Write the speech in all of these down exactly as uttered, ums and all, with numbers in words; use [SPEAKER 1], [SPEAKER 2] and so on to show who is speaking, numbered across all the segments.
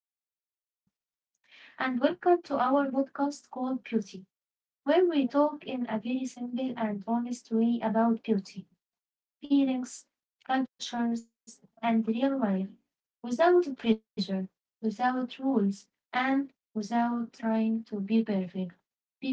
[SPEAKER 1] Hello, everyone, and welcome to our podcast called Beauty, where we talk in a very simple and honest way about beauty feelings, cultures, and real life, without pressure, without rules, and without trying to be perfect.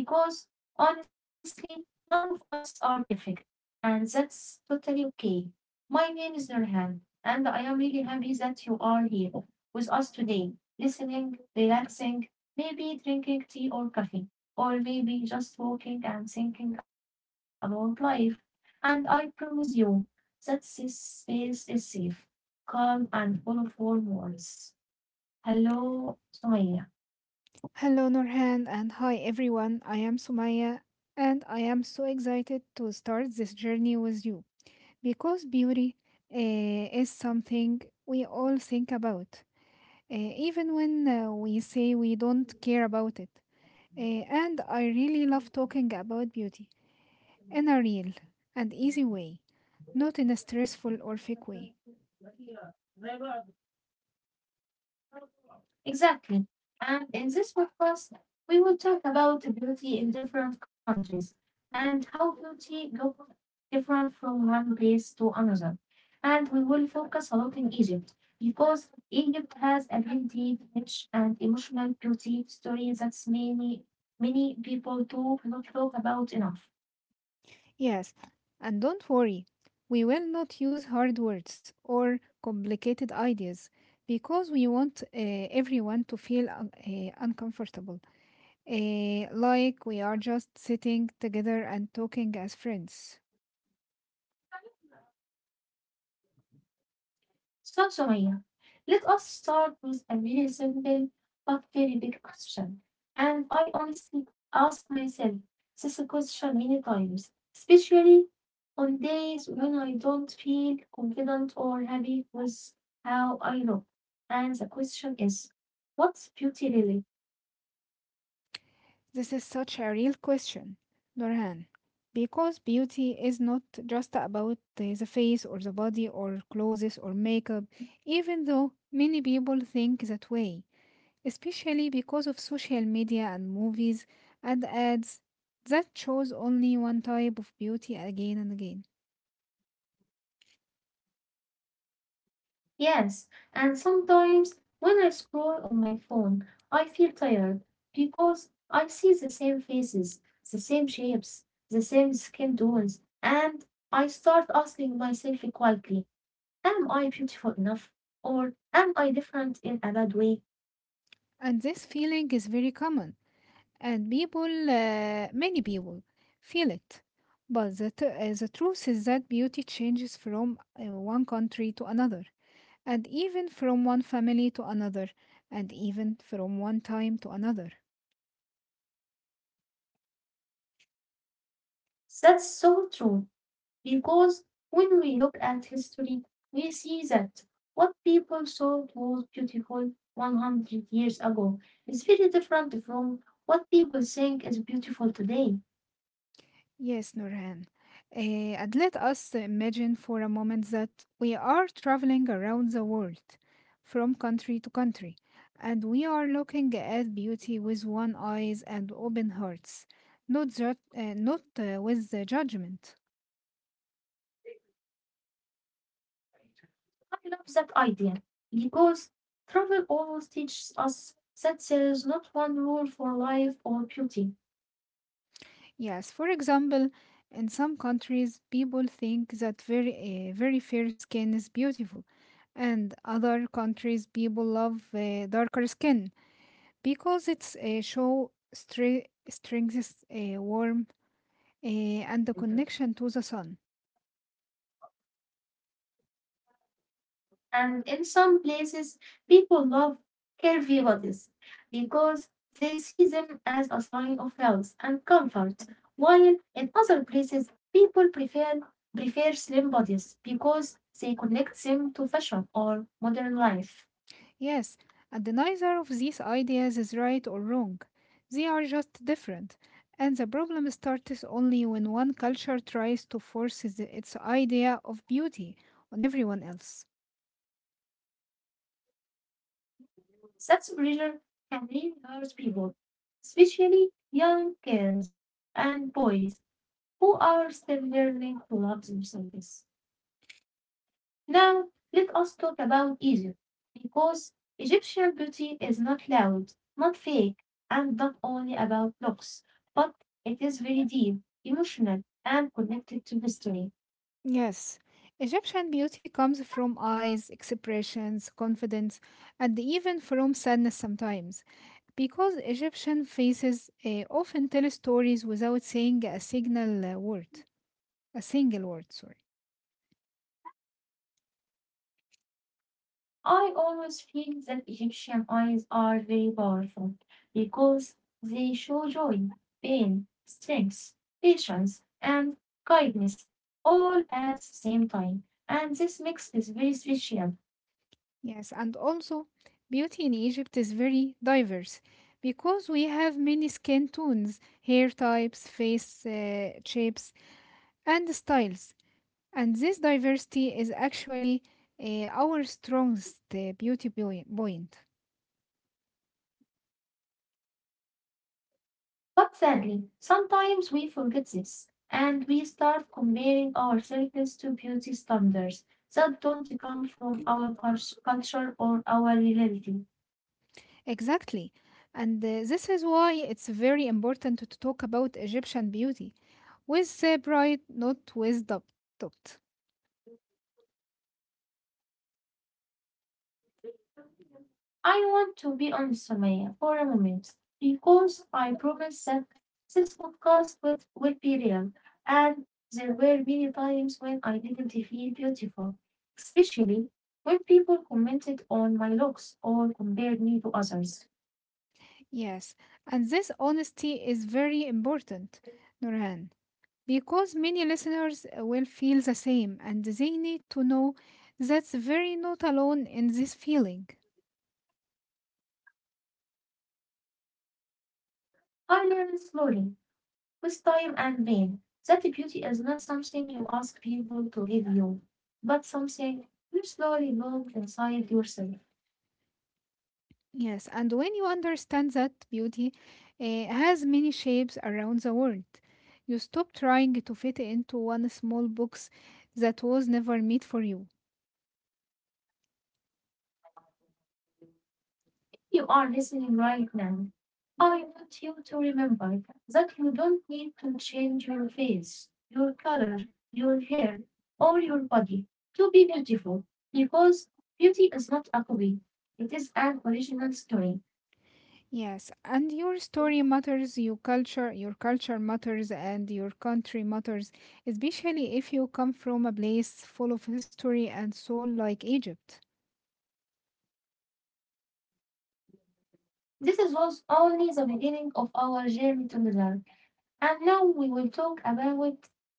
[SPEAKER 1] Because honestly, none of us are perfect, and that's totally okay. My name is Nurhan, and I am really happy that you are here with us today, listening, relaxing, maybe drinking tea or coffee, or maybe just walking and thinking about life. And I promise you that this space is safe. Calm and full of warm words. Hello, Sumaya.
[SPEAKER 2] Hello, Nurhan, and hi everyone. I am Sumaya, and I am so excited to start this journey with you because beauty eh, is something we all think about, eh, even when uh, we say we don't care about it. Eh, and I really love talking about beauty in a real and easy way, not in a stressful or fake way.
[SPEAKER 1] Exactly. And in this podcast, we will talk about beauty in different countries and how beauty looks different from one place to another. And we will focus a lot in Egypt because Egypt has a beauty, rich and emotional beauty story that many, many people do not talk about enough.
[SPEAKER 2] Yes, and don't worry, we will not use hard words or complicated ideas because we want uh, everyone to feel un- uh, uncomfortable, uh, like we are just sitting together and talking as friends.
[SPEAKER 1] So, Sumaya, let us start with a very simple but very big question. And I honestly ask myself this question many times, especially on days when I don't feel confident or happy with how I look. And the question is, what's beauty really?
[SPEAKER 2] This is such a real question, Norhan, because beauty is not just about uh, the face or the body or clothes or makeup, even though many people think that way. Especially because of social media and movies and ads that shows only one type of beauty again and again.
[SPEAKER 1] Yes, and sometimes when I scroll on my phone, I feel tired because I see the same faces, the same shapes, the same skin tones, and I start asking myself quietly, am I beautiful enough? Or am I different in a bad way?
[SPEAKER 2] And this feeling is very common, and people, uh, many people feel it. But the, t- uh, the truth is that beauty changes from uh, one country to another, and even from one family to another, and even from one time to another.
[SPEAKER 1] That's so true. Because when we look at history, we see that what people thought was beautiful one hundred years ago is very different from what people think is beautiful today.
[SPEAKER 2] Yes, Nurhan. Eh, and let us imagine for a moment that we are traveling around the world, from country to country, and we are looking at beauty with one eyes and open hearts, not ju- uh, not uh, with the judgment.
[SPEAKER 1] I love that idea because travel always teaches us that there is not one rule for life or beauty.
[SPEAKER 2] Yes, for example, in some countries, people think that very eh, very fair skin is beautiful, and other countries, people love eh, darker skin. Because it's a show stre- strengths a warm eh, and the connection to the sun.
[SPEAKER 1] And in some places, people love curvy bodies because they see them as a sign of health and comfort, while in other places, people prefer prefer slim bodies because they connect them to fashion or modern life.
[SPEAKER 2] Yes, and neither of these ideas is right or wrong. They are just different. And the problem starts only when one culture tries to force the- its idea of beauty on everyone else.
[SPEAKER 1] Such pressure can really hurt people, especially young girls and boys who are still learning to love themselves. Now, let us talk about Egypt, because Egyptian beauty is not loud, not fake, and not only about looks, but it is very deep, emotional, and connected to history.
[SPEAKER 2] Yes, Egyptian beauty comes from eyes, expressions, confidence, and even from sadness sometimes. Because Egyptian faces uh, often tell stories without saying a signal uh, word, a single word, sorry.
[SPEAKER 1] I always feel that Egyptian eyes are very powerful because they show joy, pain, strength, patience, and kindness all at the same time, and this mix is very special.
[SPEAKER 2] Yes, and also beauty in Egypt is very diverse because we have many skin tones, hair types, face uh, shapes, and styles. And this diversity is actually uh, our strongest uh, beauty poi- point.
[SPEAKER 1] But sadly, sometimes we forget this, and we start comparing ourselves to beauty standards that don't come from our cult- culture or our reality.
[SPEAKER 2] Exactly. And uh, this is why it's very important to talk about Egyptian beauty with uh, pride, not with doubt. doubt.
[SPEAKER 1] I want to be on Sumaya for a moment because I promise that this podcast will, will be real. And there were many times when I didn't feel beautiful, especially when people commented on my looks or compared me to others.
[SPEAKER 2] Yes, and this honesty is very important, Nurhan. Because many listeners will feel the same and they need to know that's very not alone in this feeling.
[SPEAKER 1] I learned slowly with time and pain. That beauty is not something you ask people to give you, but something you slowly build inside yourself.
[SPEAKER 2] Yes, and when you understand that beauty eh, has many shapes around the world, you stop trying to fit into one small box that was never meant for you.
[SPEAKER 1] You are listening right now. I want you to remember that you don't need to change your face, your color, your hair, or your body to be beautiful, because beauty is not a copy, it is an original story.
[SPEAKER 2] Yes, and your story matters, your culture, your culture matters, and your country matters, especially if you come from a place full of history and soul like Egypt.
[SPEAKER 1] This is was only the beginning of our journey together. And now we will talk about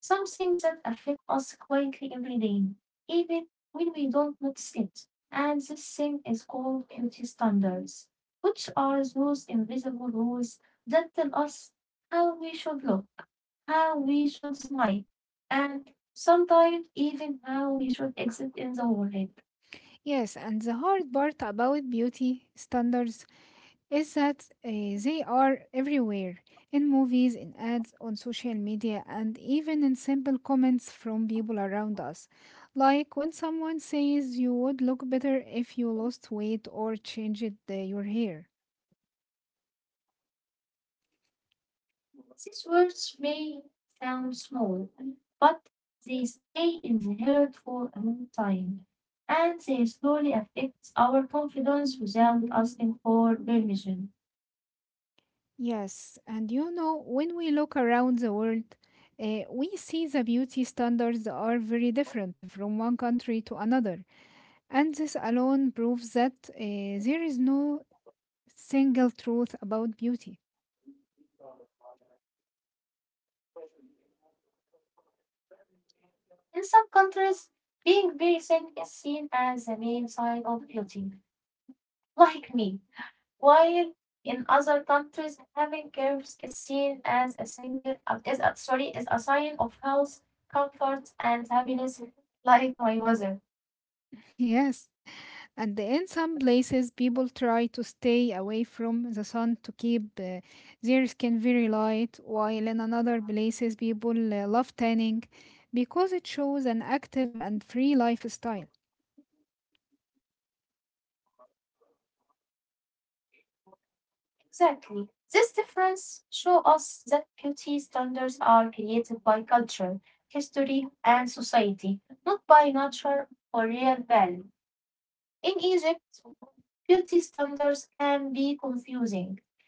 [SPEAKER 1] some things that affect us quietly every day, even when we don't notice it. And this thing is called beauty standards, which are those invisible rules that tell us how we should look, how we should smile, and sometimes even how we should exist in the world.
[SPEAKER 2] Yes, and the hard part about beauty standards is that uh, they are everywhere in movies, in ads, on social media, and even in simple comments from people around us. Like when someone says you would look better if you lost weight or changed uh, your hair.
[SPEAKER 1] These words may sound small, but they stay in the heart for a long time, and they slowly affect our confidence without asking for permission.
[SPEAKER 2] Yes, and you know, when we look around the world, uh, we see the beauty standards are very different from one country to another. And this alone proves that uh, there is no single truth about beauty.
[SPEAKER 1] In some countries, being very thin is seen as the main sign of beauty, like me, while in other countries, having curves is seen as a single, uh, is a, sorry, is a sign of health, comfort, and happiness, like my mother.
[SPEAKER 2] Yes. And in some places, people try to stay away from the sun to keep uh, their skin very light, while in another places, people uh, love tanning because it shows an active and free lifestyle.
[SPEAKER 1] Exactly. This difference show us that beauty standards are created by culture, history, and society, not by nature or real value. In Egypt, beauty standards can be confusing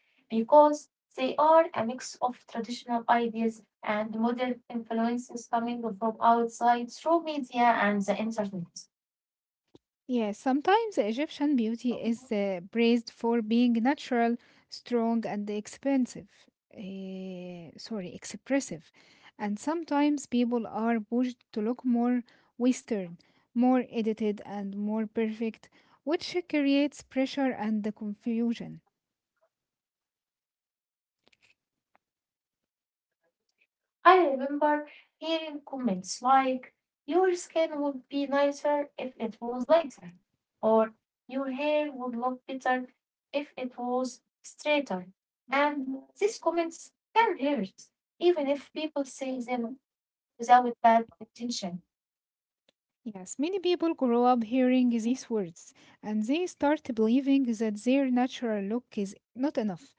[SPEAKER 1] because they are a mix of traditional ideas and modern influences coming from outside through media and the internet.
[SPEAKER 2] Yes, sometimes Egyptian beauty is uh, praised for being natural, strong, and expensive. eh, sorry, expressive. And sometimes people are pushed to look more Western, more edited, and more perfect, which creates pressure and the confusion.
[SPEAKER 1] I remember hearing comments like, your skin would be nicer if it was lighter, or your hair would look better if it was straighter. And these comments can hurt, even if people say them without bad intention.
[SPEAKER 2] Yes, many people grow up hearing these words and they start believing that their natural look is not enough,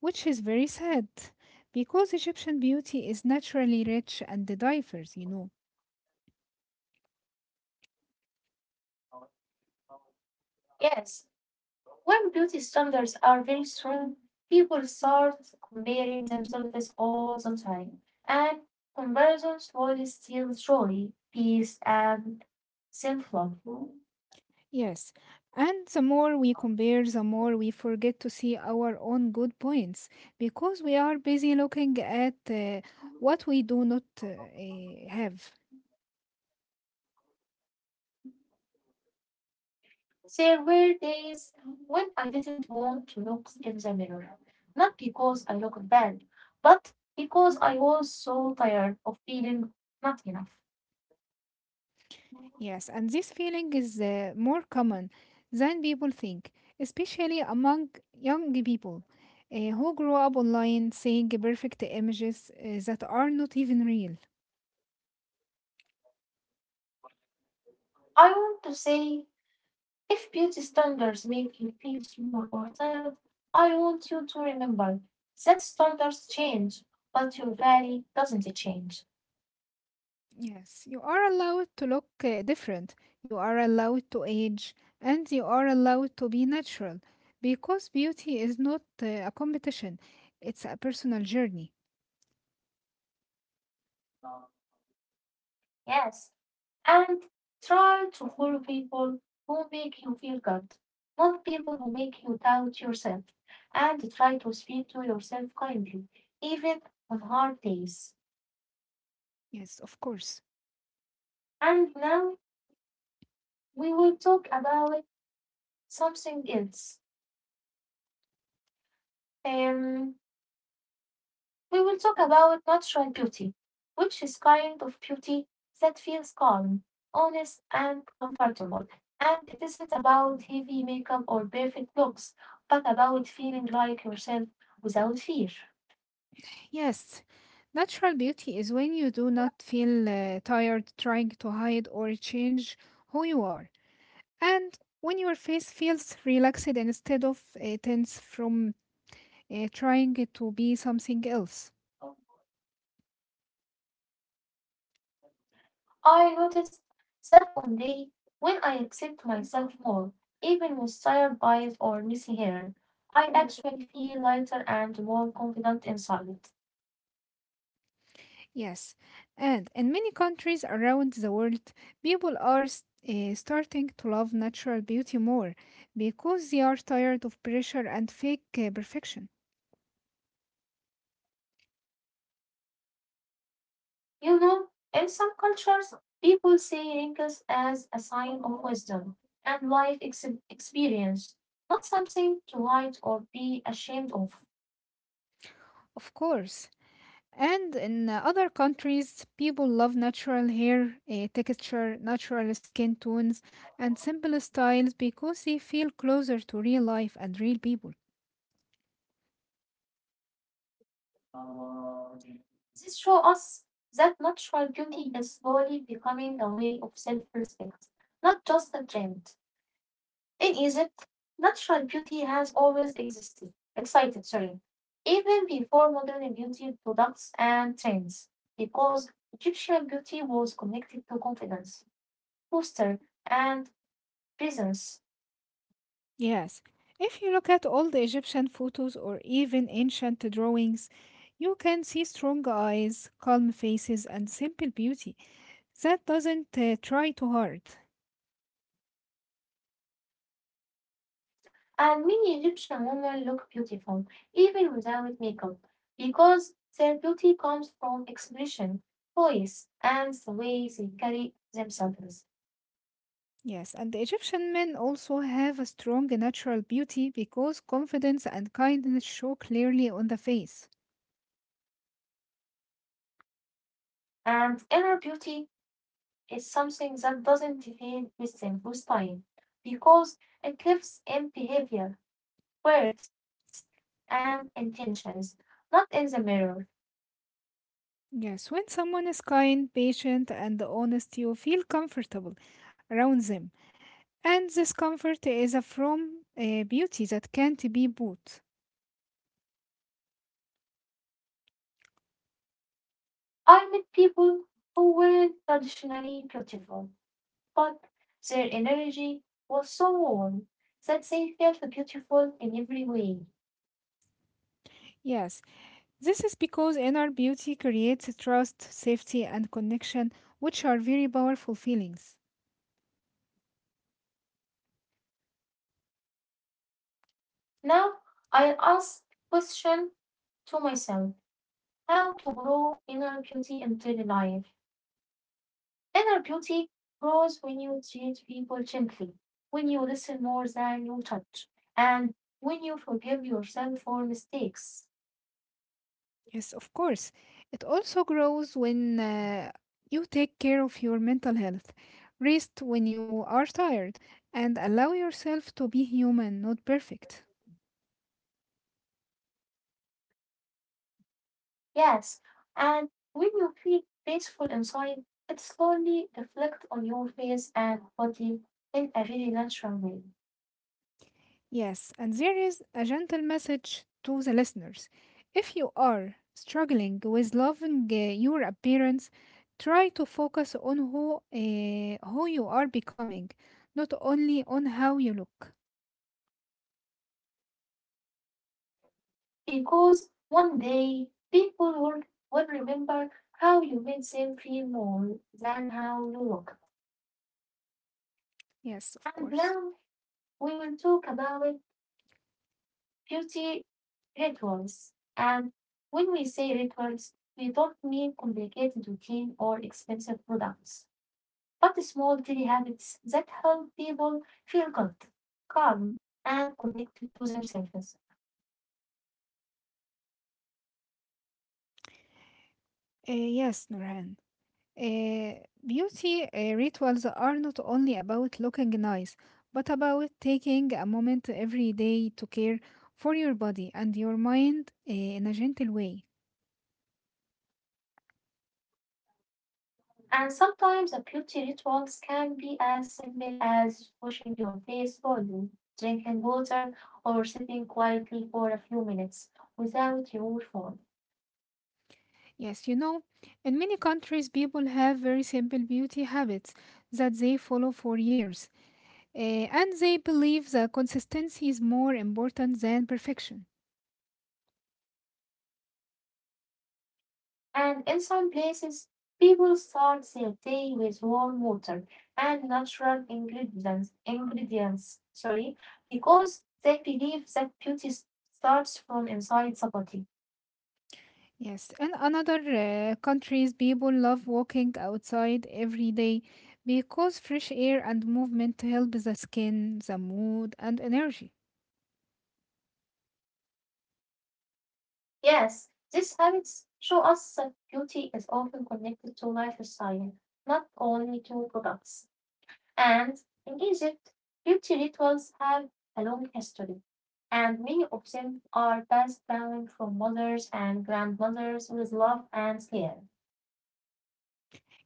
[SPEAKER 2] which is very sad because Egyptian beauty is naturally rich and diverse, you know.
[SPEAKER 1] Yes, when beauty standards are very strong, people start comparing themselves all the time, and comparison slowly steals joy, peace, and self love.
[SPEAKER 2] Yes, and the more we compare, the more we forget to see our own good points because we are busy looking at uh, what we do not uh, eh, have.
[SPEAKER 1] There were days when I didn't want to look in the mirror, not because I looked bad, but because I was so tired of feeling not enough.
[SPEAKER 2] Yes, and this feeling is uh, more common than people think, especially among young people uh, who grow up online seeing perfect images uh, that are not even real.
[SPEAKER 1] I want to say if beauty standards make you feel small or tired, I want you to remember that standards change, but your value doesn't change.
[SPEAKER 2] Yes, you are allowed to look uh, different, you are allowed to age, and you are allowed to be natural because beauty is not uh, a competition, it's a personal journey.
[SPEAKER 1] Yes, and try to follow people who make you feel good, not people who make you doubt yourself. And try to speak to yourself kindly, even on hard days.
[SPEAKER 2] Yes, of course.
[SPEAKER 1] And now we will talk about something else. Um, We will talk about natural beauty, which is kind of beauty that feels calm, honest, and comfortable. And it isn't about heavy makeup or perfect looks, but about feeling like yourself without fear.
[SPEAKER 2] Yes, natural beauty is when you do not feel uh, tired trying to hide or change who you are, and when your face feels relaxed instead of uh, tense from uh, trying to be something else.
[SPEAKER 1] I noticed that on day when I accept myself more, even with tired eyes or messy hair, I actually feel lighter and more confident inside.
[SPEAKER 2] Yes, and in many countries around the world, people are s- eh, starting to love natural beauty more because they are tired of pressure and fake eh, perfection.
[SPEAKER 1] You know, in some cultures, people see wrinkles as a sign of wisdom and life ex- experience, not something to hide or be ashamed of.
[SPEAKER 2] Of course. And in uh, other countries, people love natural hair eh, texture, natural skin tones, and simple styles because they feel closer to real life and real people.
[SPEAKER 1] This shows us that natural beauty is slowly becoming a way of self respect, not just a trend. In Egypt, natural beauty has always existed, excited, sorry, even before modern beauty products and trends, because Egyptian beauty was connected to confidence, posture, and presence.
[SPEAKER 2] Yes, if you look at old Egyptian photos or even ancient drawings, you can see strong eyes, calm faces, and simple beauty that doesn't uh, try too hard.
[SPEAKER 1] And many Egyptian women look beautiful even without makeup, because their beauty comes from expression, voice, and the way they carry themselves.
[SPEAKER 2] Yes, and the Egyptian men also have a strong natural beauty because confidence and kindness show clearly on the face.
[SPEAKER 1] And inner beauty is something that doesn't feel missing with time because it lives in behavior, words, and intentions, not in the mirror.
[SPEAKER 2] Yes, when someone is kind, patient, and honest, you feel comfortable around them. And this comfort is a from uh, beauty that can't be bought.
[SPEAKER 1] I met people who weren't traditionally beautiful, but their energy was so warm that they felt beautiful in every way.
[SPEAKER 2] Yes, this is because inner beauty creates trust, safety, and connection, which are very powerful feelings.
[SPEAKER 1] Now I ask question to myself how to grow inner beauty in daily life. Inner beauty grows when you treat people gently, when you listen more than you judge, and when you forgive yourself for mistakes.
[SPEAKER 2] Yes, of course. It also grows when uh, you take care of your mental health, rest when you are tired, and allow yourself to be human, not perfect.
[SPEAKER 1] Yes, and when you feel peaceful inside, it slowly reflects on your face and body in a very natural way.
[SPEAKER 2] Yes, and there is a gentle message to the listeners. If you are struggling with loving uh, your appearance, try to focus on who uh, who you are becoming, not only on how you look.
[SPEAKER 1] Because one day people will, will remember how you made them feel more than how you looked.
[SPEAKER 2] Yes,
[SPEAKER 1] And
[SPEAKER 2] of
[SPEAKER 1] now
[SPEAKER 2] course.
[SPEAKER 1] we will talk about beauty rituals. And when we say rituals, we don't mean complicated routine or expensive products, but the small daily habits that help people feel good, calm, and connected to themselves.
[SPEAKER 2] Uh, yes, Nurhan. Uh, beauty uh, rituals are not only about looking nice, but about taking a moment every day to care for your body and your mind uh, in a gentle way.
[SPEAKER 1] And sometimes the beauty rituals can be as simple as washing your face slowly, drinking water, or sitting quietly for a few minutes without your phone.
[SPEAKER 2] Yes, you know, in many countries, people have very simple beauty habits that they follow for years, eh, and they believe that consistency is more important than perfection.
[SPEAKER 1] And in some places, people start their day with warm water and natural ingredients, ingredients sorry, because they believe that beauty starts from inside the body.
[SPEAKER 2] Yes, in another uh, countries, people love walking outside every day because fresh air and movement help the skin, the mood, and energy.
[SPEAKER 1] Yes, these habits show us that beauty is often connected to lifestyle, not only to products. And in Egypt, beauty rituals have a long history, and many of them are passed down from mothers and grandmothers with love and care.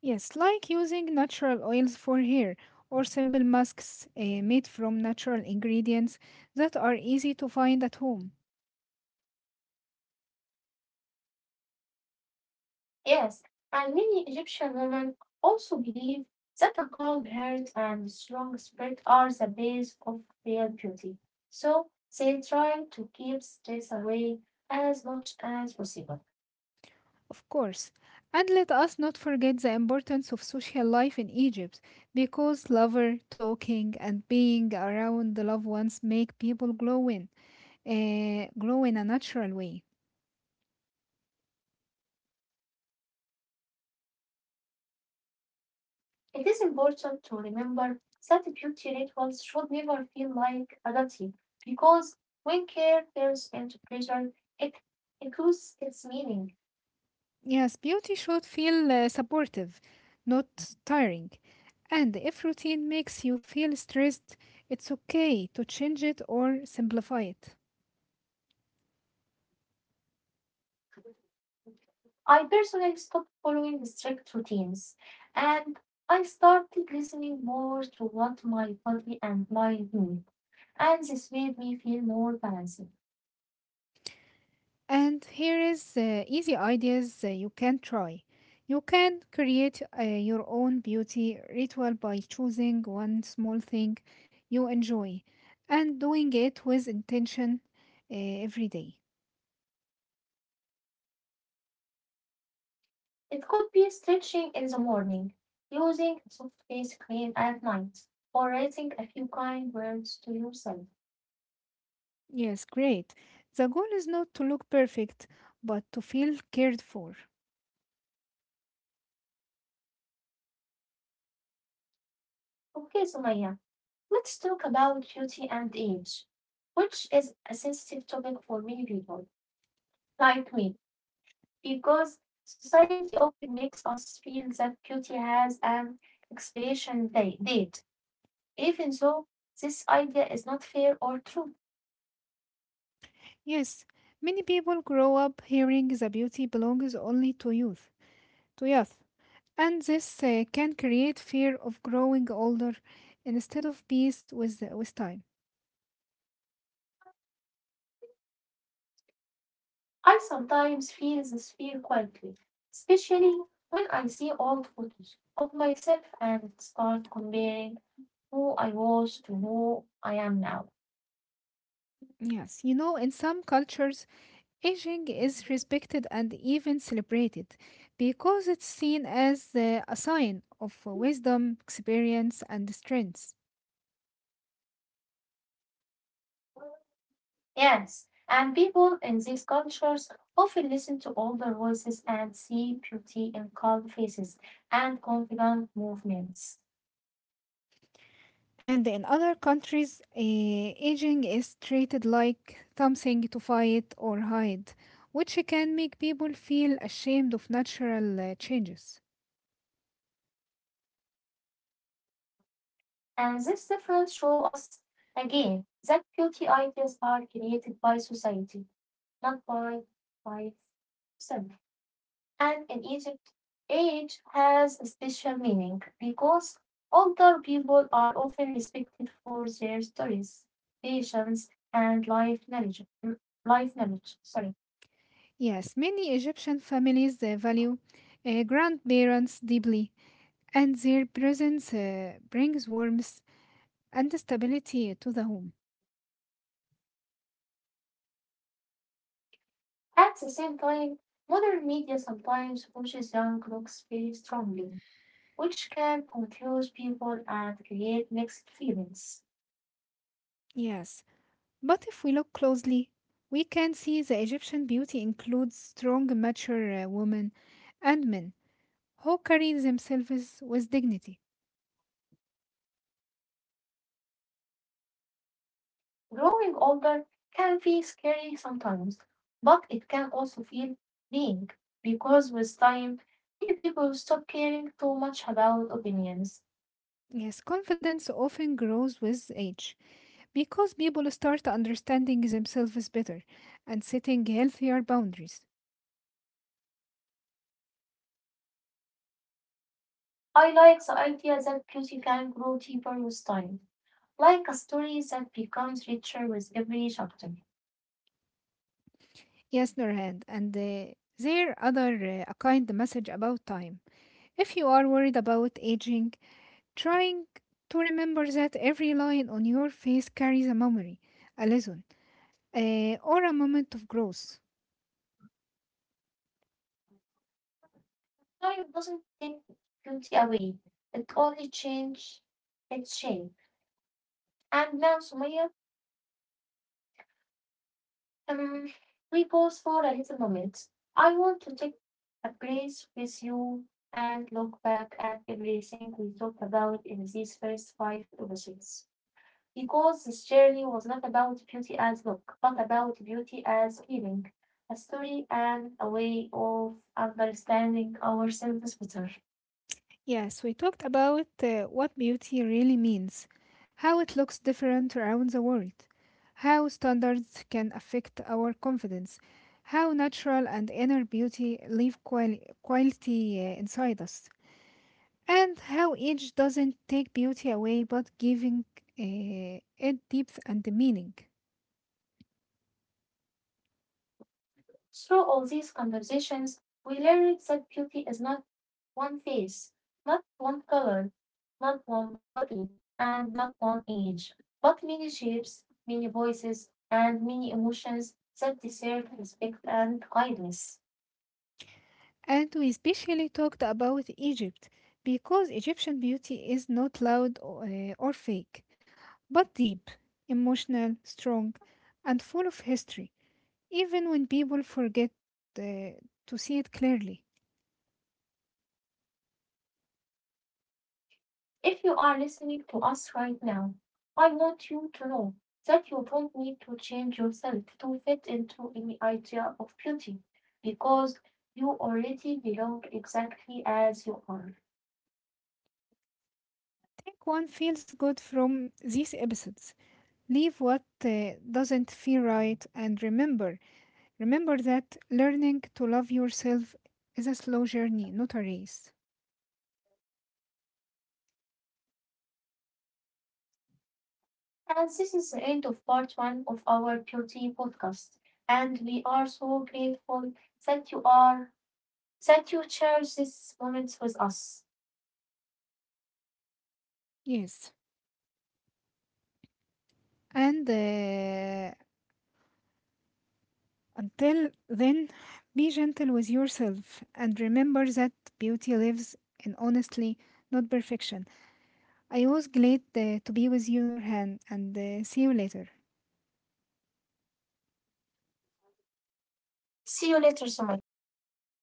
[SPEAKER 2] Yes, like using natural oils for hair or simple masks eh, made from natural ingredients that are easy to find at home.
[SPEAKER 1] Yes, and many Egyptian women also believe that a calm heart and strong spirit are the base of real beauty. So they try to keep stress away as much as possible.
[SPEAKER 2] Of course. And let us not forget the importance of social life in Egypt, because lover talking and being around the loved ones make people glow in, uh, glow in a natural way.
[SPEAKER 1] It is important to remember that beauty rituals should never feel like adulting because when care turns into pressure, it, it loses its meaning.
[SPEAKER 2] Yes, beauty should feel uh, supportive, not tiring. And if routine makes you feel stressed, it's okay to change it or simplify it.
[SPEAKER 1] I personally stopped following strict routines and I started listening more to what my body and mind need, and this made me feel more balanced.
[SPEAKER 2] And here is uh, easy ideas uh, you can try. You can create uh, your own beauty ritual by choosing one small thing you enjoy and doing it with intention uh, every day.
[SPEAKER 1] It could be stretching in the morning, using a soft face cream at night, or writing a few kind words to yourself.
[SPEAKER 2] Yes, great. The goal is not to look perfect, but to feel cared for.
[SPEAKER 1] Okay, Sumaya, let's talk about beauty and age, which is a sensitive topic for many people, like me, because society often makes us feel that beauty has an expiration da- date, even though this idea is not fair or true.
[SPEAKER 2] Yes, many people grow up hearing the beauty belongs only to youth, to youth. And this uh, can create fear of growing older instead of peace with, with time.
[SPEAKER 1] I sometimes feel this fear quietly, especially when I see old photos of myself and start comparing who I was to who I am now.
[SPEAKER 2] Yes, you know, in some cultures, aging is respected and even celebrated because it's seen as uh, a sign of wisdom, experience, and strength.
[SPEAKER 1] Yes, and people in these cultures often listen to older voices and see beauty in calm faces and confident movements.
[SPEAKER 2] And in other countries, uh, aging is treated like something to fight or hide, which can make people feel ashamed of natural uh, changes.
[SPEAKER 1] And this difference shows us again that beauty ideas are created by society, not by by self. And in Egypt, age has a special meaning because older people are often respected for their stories, patience, and life knowledge. Mm, Life knowledge, sorry.
[SPEAKER 2] Yes, many Egyptian families uh, value uh, grandparents deeply, and their presence uh, brings warmth and stability to the home.
[SPEAKER 1] At the same time, modern media sometimes pushes young looks very strongly, which can confuse people and create mixed feelings.
[SPEAKER 2] Yes, but if we look closely, we can see the Egyptian beauty includes strong, mature uh, women and men who carry themselves with dignity.
[SPEAKER 1] Growing older can feel scary sometimes, but it can also feel freeing because with time, many people stop caring too much about opinions.
[SPEAKER 2] Yes, confidence often grows with age because people start understanding themselves better and setting healthier boundaries.
[SPEAKER 1] I like the idea that beauty can grow deeper with time, like a story that becomes richer with every chapter.
[SPEAKER 2] Yes, Nurhan, and uh, there other uh, a kind message about time. If you are worried about aging, trying to remember that every line on your face carries a memory, a lesson, uh, or a moment of growth.
[SPEAKER 1] Time doesn't take beauty away; it only changes its shape. And now, Sumaya, Um, we pause for a little moment. I want to take a breath with you and look back at everything we talked about in these first five episodes. Because this journey was not about beauty as look, but about beauty as feeling, a story and a way of understanding ourselves better.
[SPEAKER 2] Yes, we talked about uh, what beauty really means, how it looks different around the world, how standards can affect our confidence, how natural and inner beauty leave quali- quality uh, inside us. And how age doesn't take beauty away but giving uh, it depth and meaning.
[SPEAKER 1] Through all these conversations, we learned that beauty is not one face, not one color, not one body, and not one age, but many shapes, many voices, and many emotions that deserve respect and kindness.
[SPEAKER 2] And we especially talked about Egypt because Egyptian beauty is not loud o- uh, or fake, but deep, emotional, strong, and full of history, even when people forget uh, to see it clearly.
[SPEAKER 1] If you are listening to us right now, I want you to know that you don't need to change yourself to fit into any idea of beauty because you already belong exactly as you are.
[SPEAKER 2] Take one feels good from these episodes. Leave what uh, doesn't feel right and remember, remember that learning to love yourself is a slow journey, not a race.
[SPEAKER 1] And this is the end of part one of our beauty podcast. And we are so grateful that you are that you share these moments with us.
[SPEAKER 2] Yes. And uh, until then, be gentle with yourself and remember that beauty lives in honestly, not perfection. I was glad uh, to be with you, Nurhan, and uh, see you later.
[SPEAKER 1] See you later, Somali.